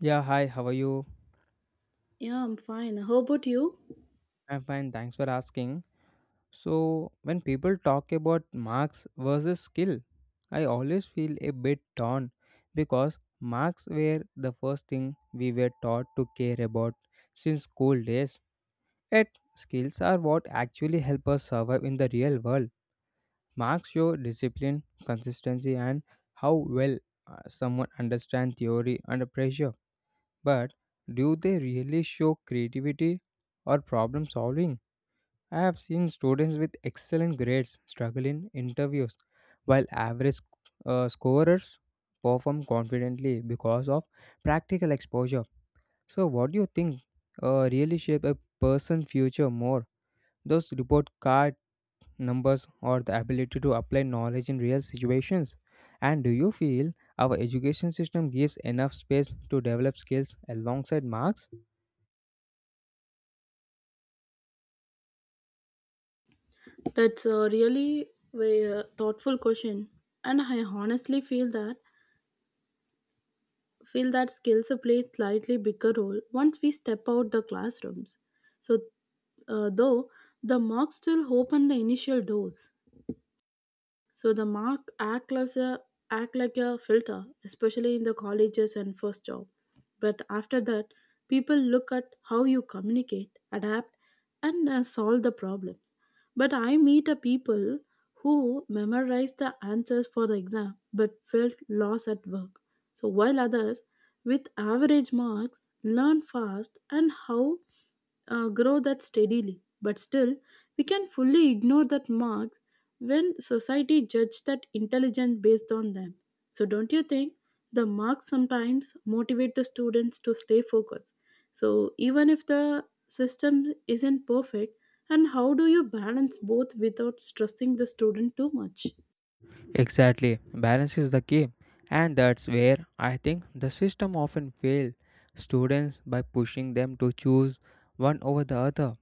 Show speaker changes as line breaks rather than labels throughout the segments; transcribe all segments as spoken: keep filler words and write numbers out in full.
Yeah, hi, how are you?
Yeah, I'm fine. How about you?
I'm fine, thanks for asking. So, when people talk about marks versus skill, I always feel a bit torn because marks were the first thing we were taught to care about since school days. Yet, skills are what actually help us survive in the real world. Marks show discipline, consistency, and how well uh, someone understands theory under pressure. But do they really show creativity or problem solving? I have seen students with excellent grades struggle in interviews, while average uh, scorers perform confidently because of practical exposure. So, what do you think uh, really shape a person's future more? Those report card numbers or the ability to apply knowledge in real situations? And do you feel our education system gives enough space to develop skills alongside marks?
That's a really very, uh, thoughtful question, and I honestly feel that feel that skills play slightly bigger role once we step out the classrooms. So, uh, though the marks still open the initial doors, so the mark act like a act like a filter, especially in the colleges and first job. But after that, people look at how you communicate, adapt, and uh, solve the problems. But I meet a people who memorize the answers for the exam but felt lost at work. So while others with average marks learn fast and how uh, grow that steadily. But still, we can fully ignore that marks when society judges that intelligence based on them. So, don't you think the marks sometimes motivate the students to stay focused? So, even if the system isn't perfect, and how do you balance both without stressing the student too much?
Exactly, balance is the key, and that's where I think the system often fails students by pushing them to choose one over the other.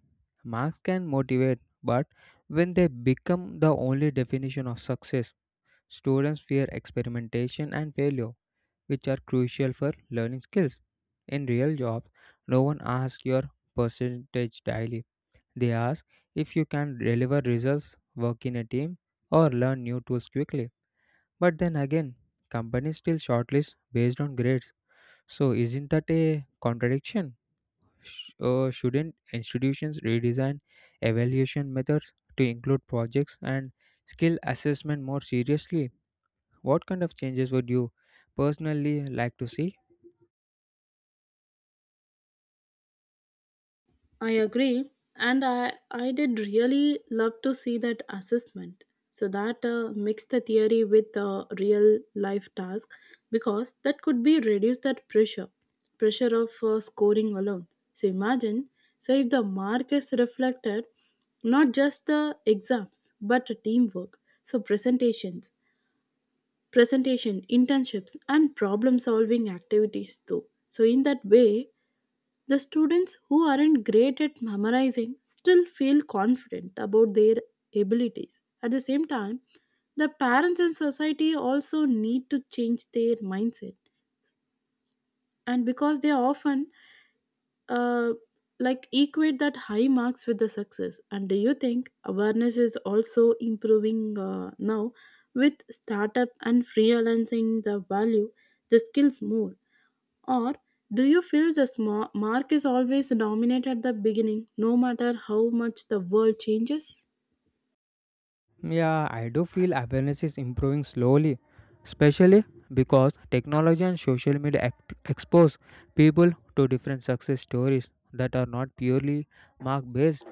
Marks can motivate, but when they become the only definition of success, students fear experimentation and failure, which are crucial for learning skills. In real jobs, no one asks your percentage daily. They ask if you can deliver results, work in a team, or learn new tools quickly. But then again, companies still shortlist based on grades. So isn't that a contradiction? Sh- uh, shouldn't institutions redesign evaluation methods to include projects and skill assessment more seriously? What kind of changes would you personally like to see?
I agree, and I, I did really love to see that assessment. So that uh, mixed the theory with the real life task because that could be reduce that pressure, pressure of uh, scoring alone. So imagine, so if the mark is reflected not just the exams but teamwork, so presentations, presentation, internships, and problem solving activities too. So in that way, the students who aren't great at memorizing still feel confident about their abilities. At the same time, the parents and society also need to change their mindset, and because they often uh, like equate that high marks with the success. And do you think awareness is also improving uh, now with startup and freelancing the value, the skills more? Or do you feel the sma- mark is always dominant at the beginning, no matter how much the world changes?
Yeah, I do feel awareness is improving slowly, especially because technology and social media act- expose people to different success stories that are not purely mark based.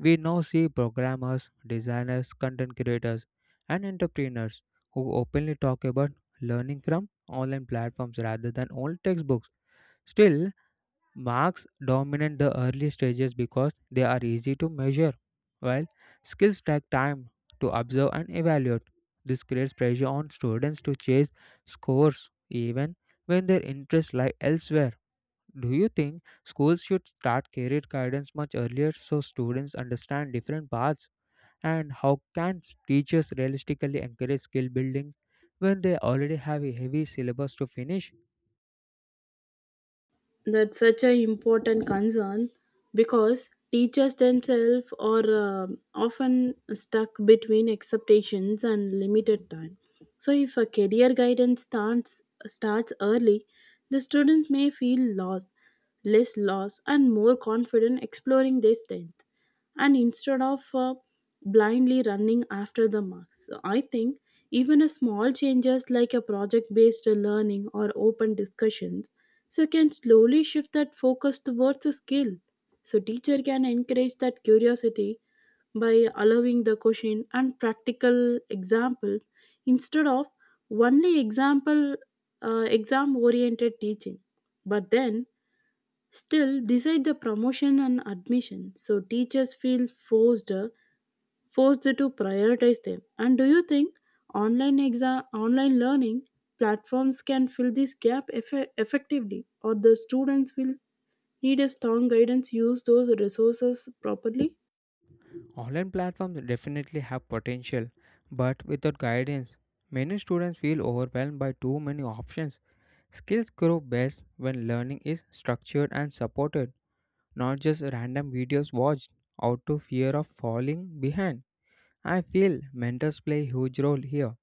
We now see programmers, designers, content creators, and entrepreneurs who openly talk about learning from online platforms rather than old textbooks. Still, marks dominate the early stages because they are easy to measure, while skills take time to observe and evaluate. This creates pressure on students to chase scores even when their interests lie elsewhere. Do you think schools should start career guidance much earlier so students understand different paths? And how can teachers realistically encourage skill building when they already have a heavy syllabus to finish?
That's such an important concern because teachers themselves are uh, often stuck between expectations and limited time. So, if a career guidance starts starts early, the students may feel lost, less lost, and more confident exploring their strength, and instead of uh, blindly running after the marks. So, I think even a small changes like a project-based learning or open discussions so you can slowly shift that focus towards a skill so teacher can encourage that curiosity by allowing the question and practical example instead of only example uh, exam oriented teaching but then still decide the promotion and admission so teachers feel forced uh, forced to prioritize them. And do you think online exam, online learning platforms can fill this gap effe- effectively, or the students will need a strong guidance use those resources properly?
Online platforms definitely have potential, but without guidance, many students feel overwhelmed by too many options. Skills grow best when learning is structured and supported, not just random videos watched out of fear of falling behind. I feel mentors play a huge role here,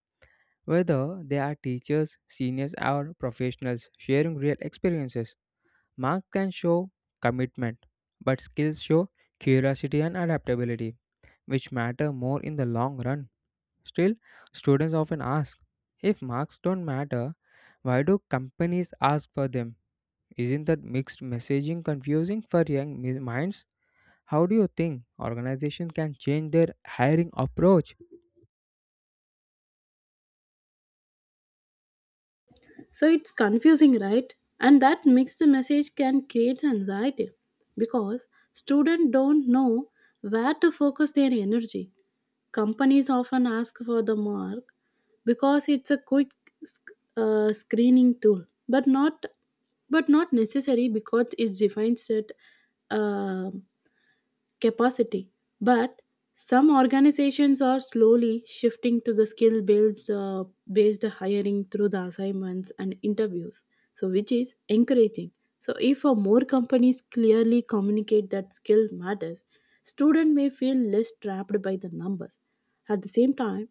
whether they are teachers, seniors, or professionals sharing real experiences. Marks can show commitment, but skills show curiosity and adaptability, which matter more in the long run. Still, students often ask, if marks don't matter, why do companies ask for them? Isn't that mixed messaging confusing for young mi- minds? How do you think organizations can change their hiring approach?
So it's confusing, right? And that mixed message can create anxiety because students don't know where to focus their energy. Companies often ask for the mark because it's a quick sc- uh, screening tool, but not but not necessary because it defines that capacity. But some organizations are slowly shifting to the skill based, uh, based hiring through the assignments and interviews, so which is encouraging. So if uh, more companies clearly communicate that skill matters, student may feel less trapped by the numbers. At the same time,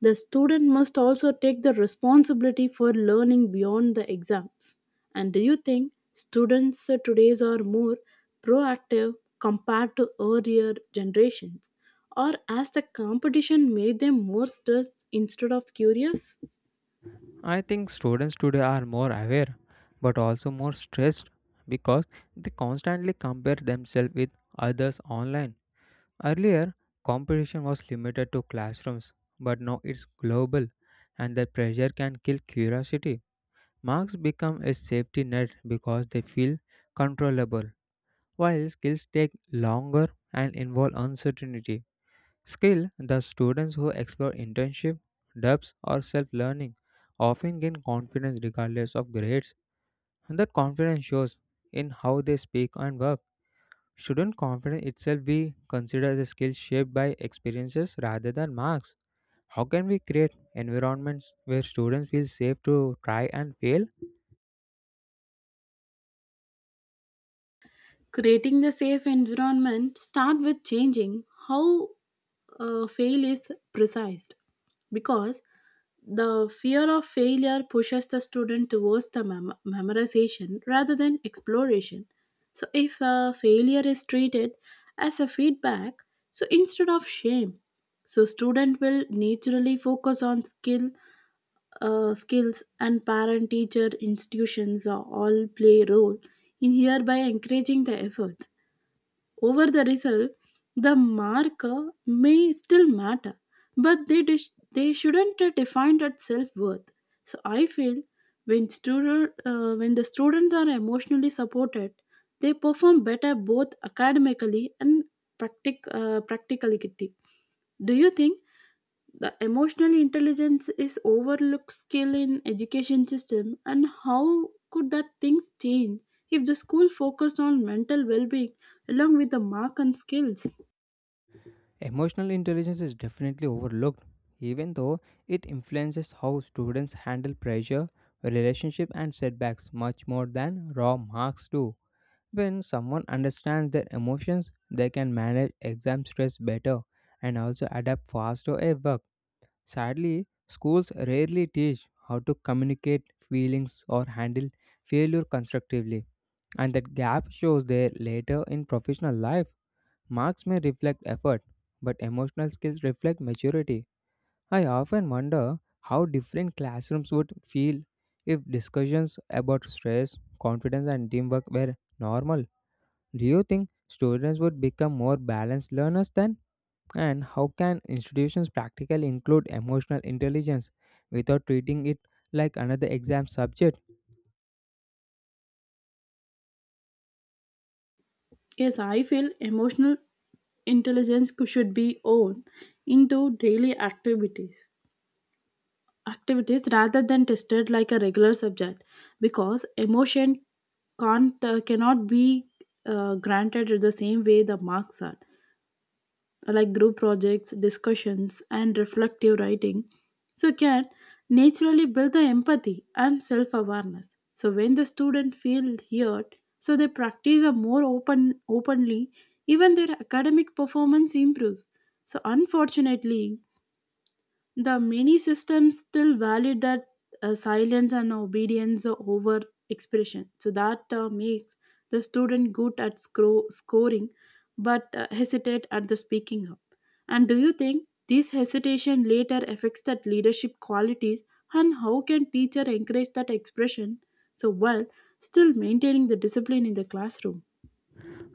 the student must also take the responsibility for learning beyond the exams. And do you think students uh, today's are more proactive compared to earlier generations? Or has the competition made them more stressed instead of curious?
I think students today are more aware but also more stressed because they constantly compare themselves with others online. Earlier, competition was limited to classrooms, but now it's global and the pressure can kill curiosity. Marks become a safety net because they feel controllable, while skills take longer and involve uncertainty. Skill The students who explore internship, dubs, or self learning often gain confidence regardless of grades, and that confidence shows in how they speak and work. Shouldn't confidence itself be considered a skill shaped by experiences rather than marks? How can we create environments where students feel safe to try and fail?
Creating the safe environment start with changing how uh, fail is precise because the fear of failure pushes the student towards the mem- memorization rather than exploration. So, if a failure is treated as a feedback, so instead of shame, so student will naturally focus on skill, uh, skills, and parent-teacher institutions uh, all play role in hereby encouraging the efforts over the result, the marker may still matter, but they, dis- they shouldn't uh, define that self worth. So I feel when student uh, when the students are emotionally supported, they perform better both academically and practic- uh, practically. Do you think the emotional intelligence is overlooked skill in education system and how could that things change if the school focused on mental well-being along with the mark and skills?
Emotional intelligence is definitely overlooked, even though it influences how students handle pressure, relationship, and setbacks much more than raw marks do. When someone understands their emotions, they can manage exam stress better and also adapt faster at work. Sadly, schools rarely teach how to communicate feelings or handle failure constructively, and that gap shows there later in professional life. Marks may reflect effort, but emotional skills reflect maturity. I often wonder how different classrooms would feel if discussions about stress, confidence, and teamwork were normal. Do you think students would become more balanced learners then? And how can institutions practically include emotional intelligence without treating it like another exam subject?
Yes, I feel emotional intelligence should be owned into daily activities activities rather than tested like a regular subject because emotion can't uh, cannot be uh, granted in the same way the marks are, like group projects, discussions, and reflective writing, so can naturally build the empathy and self awareness. So when the student feel heard, so they practice a more open openly, even their academic performance improves. So unfortunately, the many systems still value that uh, silence and obedience over expression. So that uh, makes the student good at scro- scoring but uh, hesitate at the speaking up. And do you think this hesitation later affects that leadership qualities and how can teacher encourage that expression so well still maintaining the discipline in the classroom?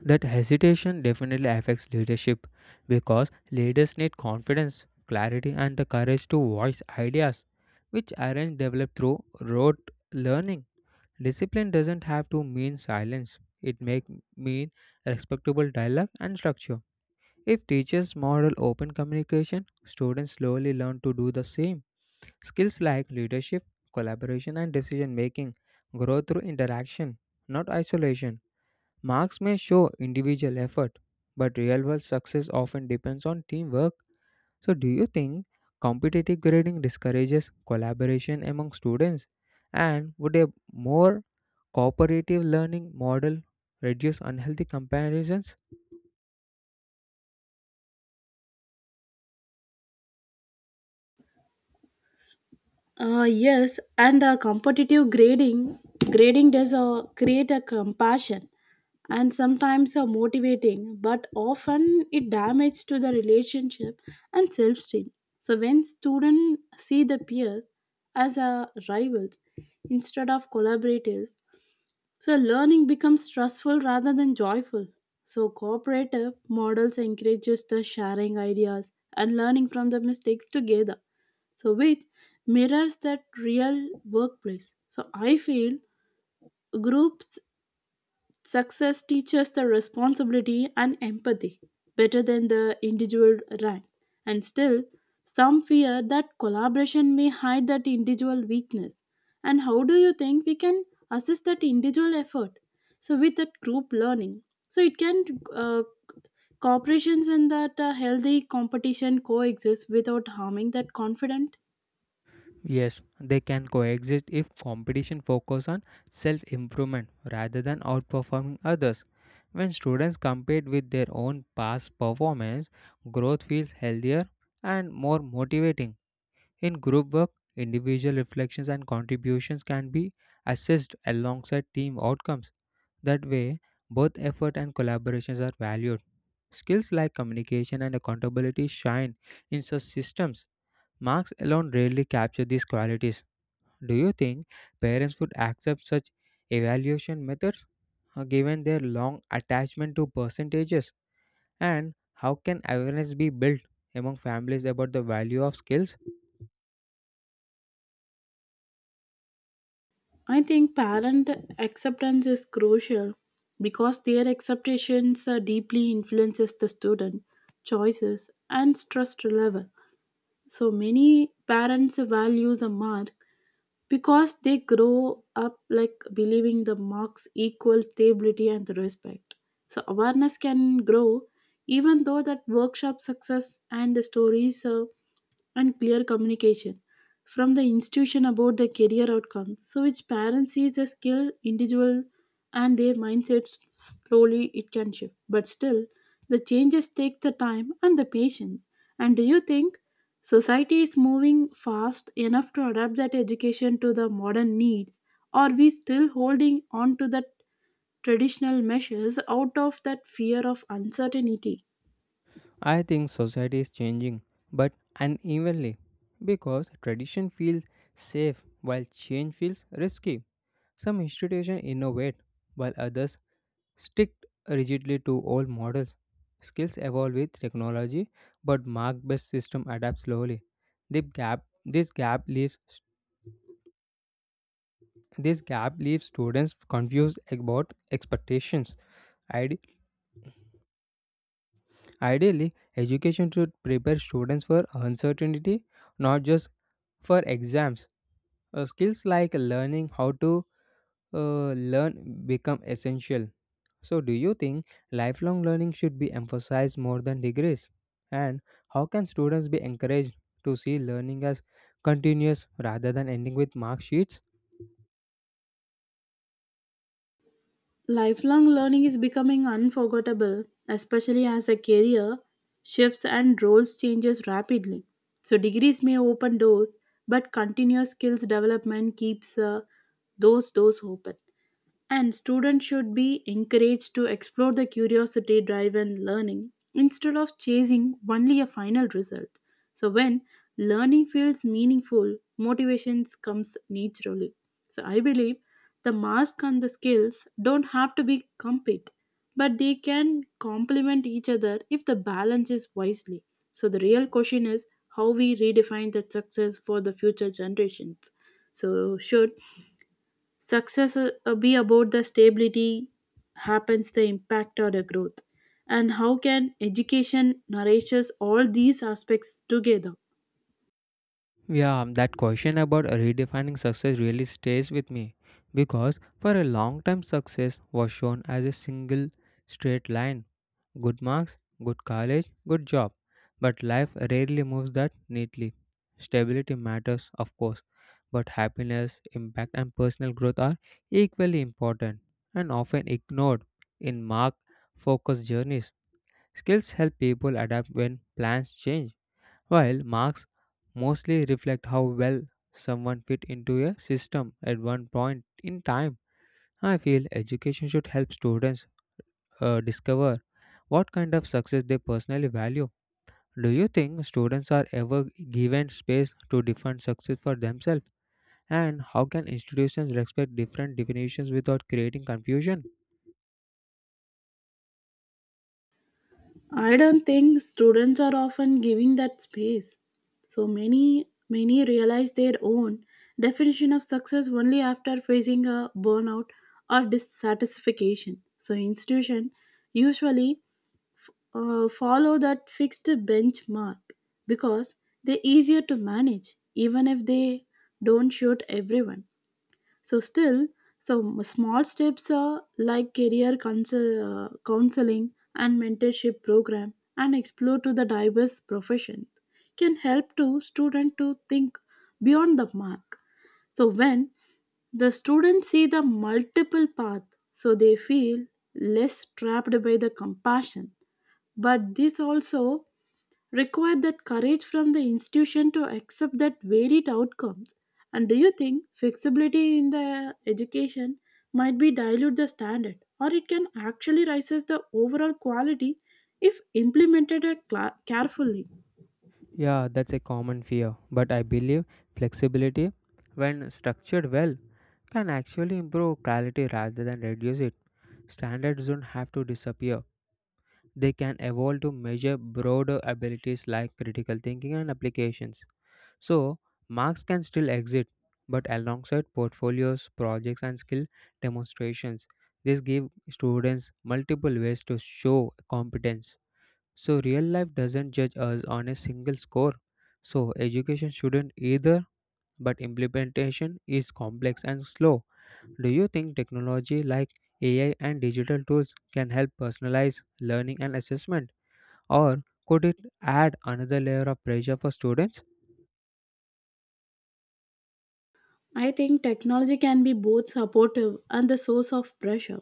That hesitation definitely affects leadership because leaders need confidence, clarity, and the courage to voice ideas, which aren't developed through rote learning. Discipline doesn't have to mean silence, it may mean respectable dialogue and structure. If teachers model open communication, students slowly learn to do the same. Skills like leadership, collaboration, and decision making grow through interaction, not isolation. Marks may show individual effort, but real world success often depends on teamwork. So, do you think competitive grading discourages collaboration among students? And would a more cooperative learning model reduce unhealthy comparisons?
Uh, yes, and uh, competitive grading grading does uh, create a compassion and sometimes uh, motivating, but often it damages to the relationship and self-esteem. So when students see the peers as uh, rivals instead of collaborators, so learning becomes stressful rather than joyful. So cooperative models encourages the sharing ideas and learning from the mistakes together so which mirrors that real workplace. So I feel groups success teaches the responsibility and empathy better than the individual rank. And still, some fear that collaboration may hide that individual weakness. And how do you think we can assist that individual effort? So with that group learning, so it can uh, cooperations and that uh, healthy competition coexist without harming that confident.
Yes, they can coexist if competition focuses on self improvement rather than outperforming others. When students compete with their own past performance, growth feels healthier and more motivating. In group work, individual reflections and contributions can be assessed alongside team outcomes. That way, both effort and collaborations are valued. Skills like communication and accountability shine in such systems. Marks alone rarely capture these qualities. Do you think parents would accept such evaluation methods, uh, given their long attachment to percentages? And how can awareness be built among families about the value of skills?
I think parent acceptance is crucial because their acceptations uh, deeply influences the student choices and stress level. So many parents values a mark because they grow up like believing the marks equal stability and respect. So awareness can grow even though that workshop success and the stories uh, and clear communication from the institution about the career outcomes. So, which parent sees the skill, individual, and their mindsets slowly it can shift. But still, the changes take the time and the patience. And do you think society is moving fast enough to adapt that education to the modern needs? Or we still holding on to the traditional measures out of that fear of uncertainty?
I think society is changing, but unevenly, because tradition feels safe while change feels risky. Some institutions innovate, while others stick rigidly to old models. Skills evolve with technology, but mark-based system adapt slowly. The gap, this gap leaves this gap leaves students confused about expectations, ideas, ideally, education should prepare students for uncertainty, not just for exams. Uh, skills like learning how to uh, learn become essential. So, do you think lifelong learning should be emphasized more than degrees? And how can students be encouraged to see learning as continuous rather than ending with mark sheets?
Lifelong learning is becoming unforgettable, especially as a career shifts and roles changes rapidly. So degrees may open doors, but continuous skills development keeps uh, those doors open. And students should be encouraged to explore the curiosity driven learning instead of chasing only a final result. So, when learning feels meaningful, motivation comes naturally. So, I believe the mask and the skills don't have to be compete, but they can complement each other if the balance is wisely. So, the real question is how we redefine that success for the future generations. So, should success uh, uh, be about the stability, happens the impact or the growth. And how can education nourishes all these aspects together?
Yeah, um, that question about redefining success really stays with me because for a long time, success was shown as a single straight line, good marks, good college, good job. But life rarely moves that neatly. Stability matters, of course, but happiness, impact, and personal growth are equally important and often ignored in mark focused journeys. Skills help people adapt when plans change while marks mostly reflect how well someone fit into a system at one point in time. I feel education should help students uh, discover what kind of success they personally value. Do you think students are ever given space to define success for themselves? And how can institutions respect different definitions without creating confusion?
I don't think students are often giving that space. So many many realize their own definition of success only after facing a burnout or dissatisfaction. So institution usually uh, follow that fixed benchmark because they're easier to manage even if they don't shoot everyone so still so small steps are like career counsel, uh, counseling and mentorship program and explore to the diverse professions can help to student to think beyond the mark so when the students see the multiple path so they feel less trapped by the compassion but this also required that courage from the institution to accept that varied outcomes. And do you think flexibility in the education might be dilute the standard or it can actually raises the overall quality if implemented uh, cla- carefully?
Yeah, that's a common fear, but I believe flexibility, when structured well, can actually improve quality rather than reduce it. Standards don't have to disappear, they can evolve to measure broader abilities like critical thinking and applications. So, marks can still exist, but alongside portfolios, projects, and skill demonstrations. This gives students multiple ways to show competence. So, real life doesn't judge us on a single score. So, education shouldn't either, but implementation is complex and slow. Do you think technology like A I and digital tools can help personalize learning and assessment? Or could it add another layer of pressure for students?
I think technology can be both supportive and the source of pressure,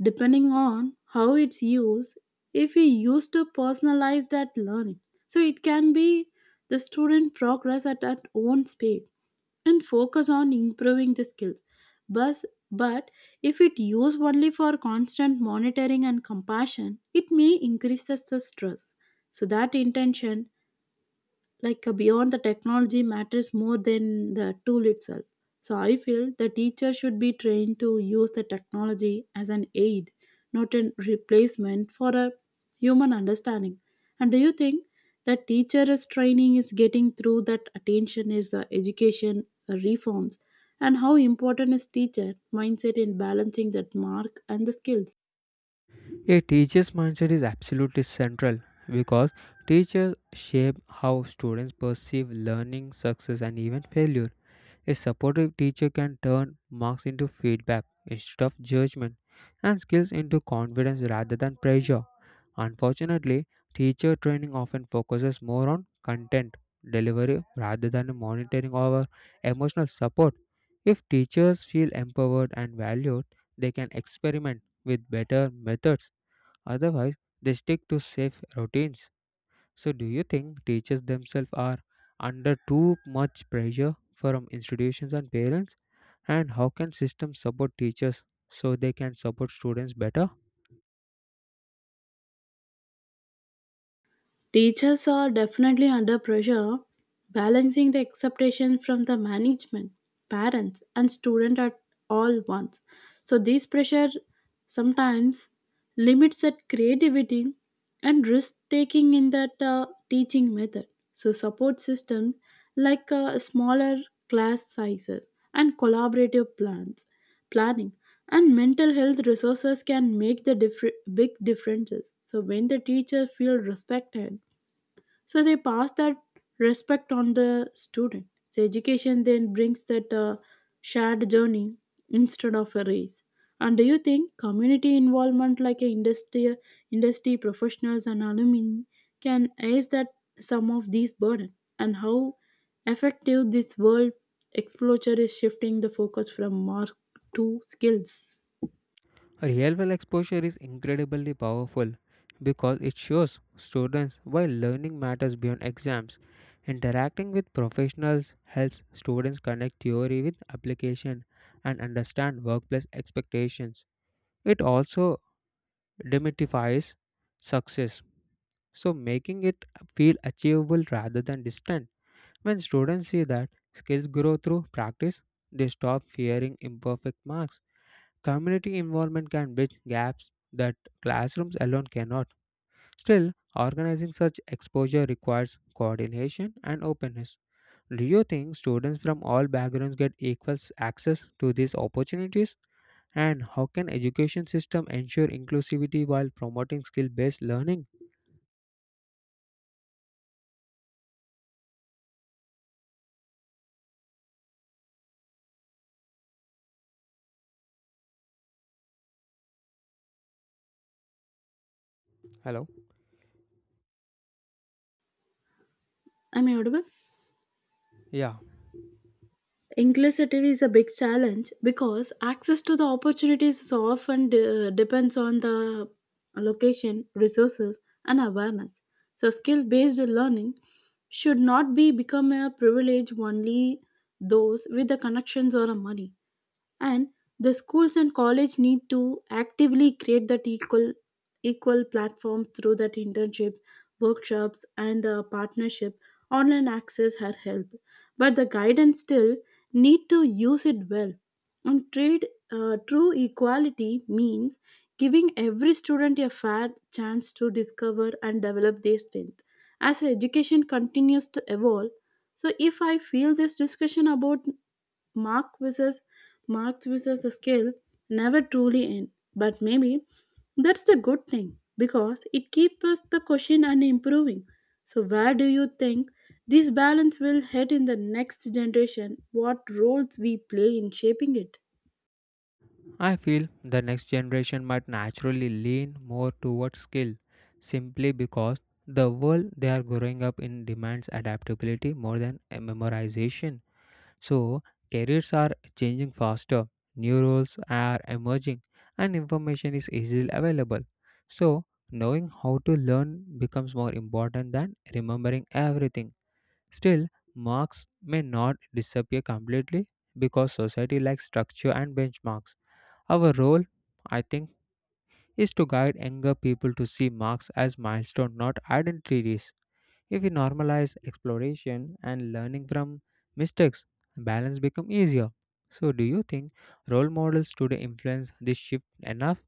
depending on how it's used. If we use to personalize that learning, so it can be the student progress at our own speed and focus on improving the skills. But, but if it used only for constant monitoring and compassion, it may increase the stress. So that intention like uh, beyond the technology matters more than the tool itself. So I feel the teacher should be trained to use the technology as an aid, not a replacement for a human understanding. And do you think that teacher's training is getting through that attention is uh, education uh, reforms? And how important is teacher mindset in balancing that mark and the skills?
A teacher's mindset is absolutely central because teachers shape how students perceive learning, success, and even failure. A supportive teacher can turn marks into feedback instead of judgment and skills into confidence rather than pressure. Unfortunately, teacher training often focuses more on content delivery rather than monitoring our emotional support. If teachers feel empowered and valued, they can experiment with better methods. Otherwise, they stick to safe routines. So, do you think teachers themselves are under too much pressure from institutions and parents? And how can systems support teachers so they can support students better?
Teachers are definitely under pressure, balancing the expectations from the management, parents, and student at all once. So this pressure sometimes limits that creativity and risk taking in that uh, teaching method. So support systems like uh, smaller class sizes and collaborative plans, planning, and mental health resources can make the differ- big differences. So when the teacher feels respected so they pass that respect on the student. So education then brings that uh, shared journey instead of a race. And do you think community involvement like a industry, industry professionals and alumni can ease that some of these burden? And how effective this world exposure is shifting the focus from mark to skills?
Real world exposure is incredibly powerful because it shows students why learning matters beyond exams. Interacting with professionals helps students connect theory with application and understand workplace expectations. It also demystifies success, so making it feel achievable rather than distant. When students see that skills grow through practice, they stop fearing imperfect marks. Community involvement can bridge gaps that classrooms alone cannot. Still, organizing such exposure requires coordination and openness. Do you think students from all backgrounds get equal access to these opportunities? And how can education system ensure inclusivity while promoting skill-based learning? Hello.
Am I audible?
Yeah.
Inclusivity is a big challenge because access to the opportunities is often de- depends on the location, resources, and awareness. So, skill based learning should not be become a privilege only those with the connections or a money and the schools and college need to actively create that equal equal platform through that internship workshops and the partnership online access her help but the guidance still need to use it well and trade uh, true equality means giving every student a fair chance to discover and develop their strength as education continues to evolve, so if I feel this discussion about Mark versus Mark versus the skill never truly end. But maybe that's the good thing because it keeps us the question and improving. So where do you think this balance will head in the next generation? What roles we play in shaping it?
I feel the next generation might naturally lean more towards skill simply because the world they are growing up in demands adaptability more than a memorization. So, careers are changing faster, new roles are emerging, and information is easily available. So, knowing how to learn becomes more important than remembering everything. Still, marks may not disappear completely because society likes structure and benchmarks. Our role, I think, is to guide younger people to see marks as milestones, not identities. If we normalize exploration and learning from mistakes, balance becomes easier. So, do you think role models today influence this shift enough?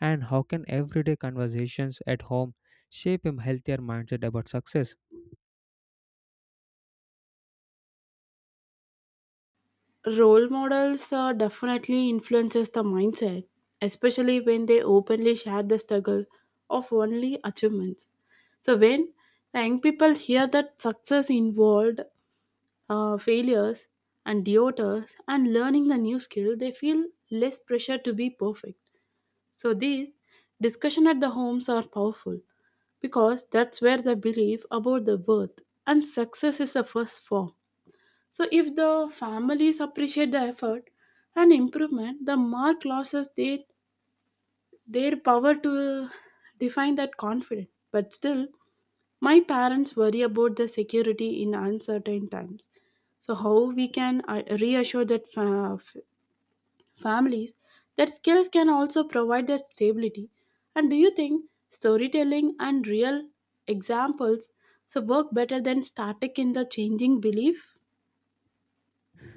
And how can everyday conversations at home shape a healthier mindset about success?
Role models uh, definitely influences the mindset especially when they openly share the struggle of only achievements so when young people hear that success involved uh, failures and doubters and learning the new skill, they feel less pressure to be perfect. So these discussion at the homes are powerful because that's where the belief about the worth and success is the first form. So if the families appreciate the effort and improvement, the mark losses they, their power to define that confidence. But still, my parents worry about the security in uncertain times. So, how we can uh, reassure that fa- f- families that skills can also provide that stability? And do you think storytelling and real examples so work better than static in the changing belief?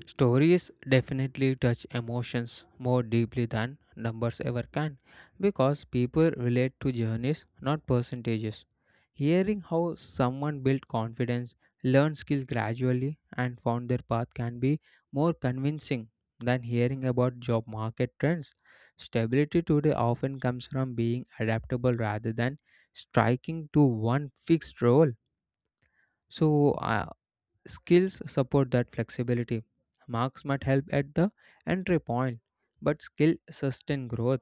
Stories definitely touch emotions more deeply than numbers ever can because people relate to journeys, not percentages. Hearing how someone built confidence, learned skills gradually, and found their path can be more convincing than hearing about job market trends. Stability today often comes from being adaptable rather than striking to one fixed role. So, uh, skills support that flexibility. Marks might help at the entry point, but skill sustain growth.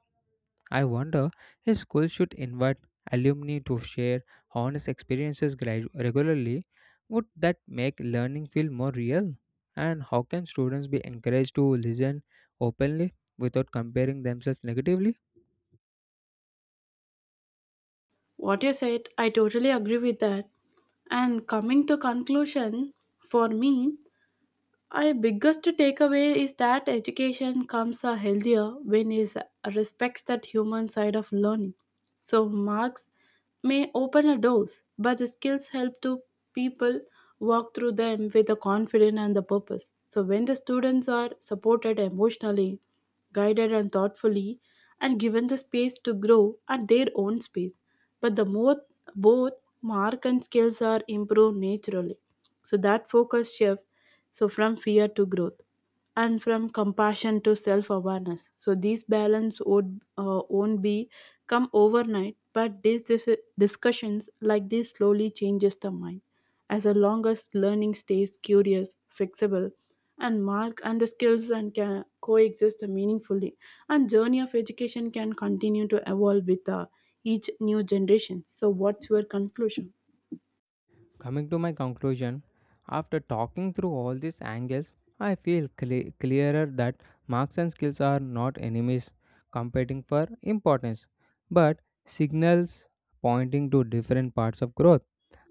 I wonder if schools should invite alumni to share honest experiences gradu- regularly. Would that make learning feel more real? And how can students be encouraged to listen openly without comparing themselves negatively?
What you said, I totally agree with that. And coming to conclusion, for me, my biggest takeaway is that education comes uh, healthier when it respects that human side of learning. So marks may open a doors, but the skills help to people walk through them with the confidence and the purpose. So when the students are supported emotionally, guided and thoughtfully, and given the space to grow at their own space, but the more both mark and skills are improved naturally. So that focus shift so from fear to growth and from compassion to self awareness. So these balance would uh, won't be come overnight, but these dis- discussions like this slowly changes the mind. As a longest learning stays curious, flexible, and mark and the skills and can coexist meaningfully, and journey of education can continue to evolve with uh, each new generation. So, what's your conclusion?
Coming to my conclusion, after talking through all these angles, I feel cle- clearer that marks and skills are not enemies competing for importance, but signals pointing to different parts of growth.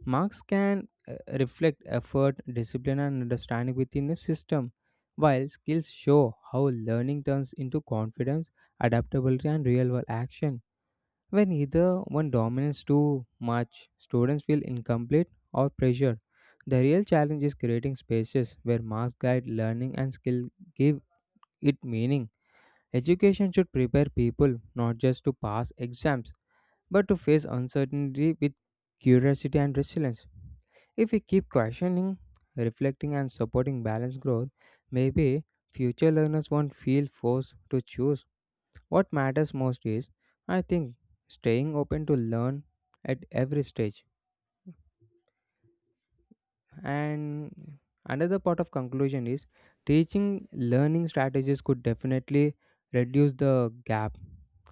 Marks can uh, reflect effort, discipline, and understanding within a system, while skills show how learning turns into confidence, adaptability, and real world action. When either one dominates too much, students feel incomplete or pressured. The real challenge is creating spaces where marks guide learning and skill give it meaning. Education should prepare people not just to pass exams, but to face uncertainty with curiosity and resilience. If we keep questioning, reflecting, and supporting balanced growth, maybe future learners won't feel forced to choose. What matters most is, I think, staying open to learn at every stage. And another part of conclusion is teaching learning strategies could definitely reduce the gap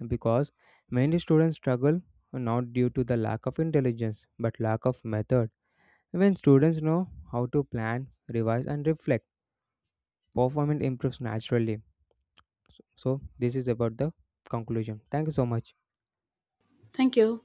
because many students struggle not due to the lack of intelligence but lack of method. When students know how to plan, revise, and reflect, performance improves naturally. So, so this is about the conclusion. Thank you so much.
Thank you.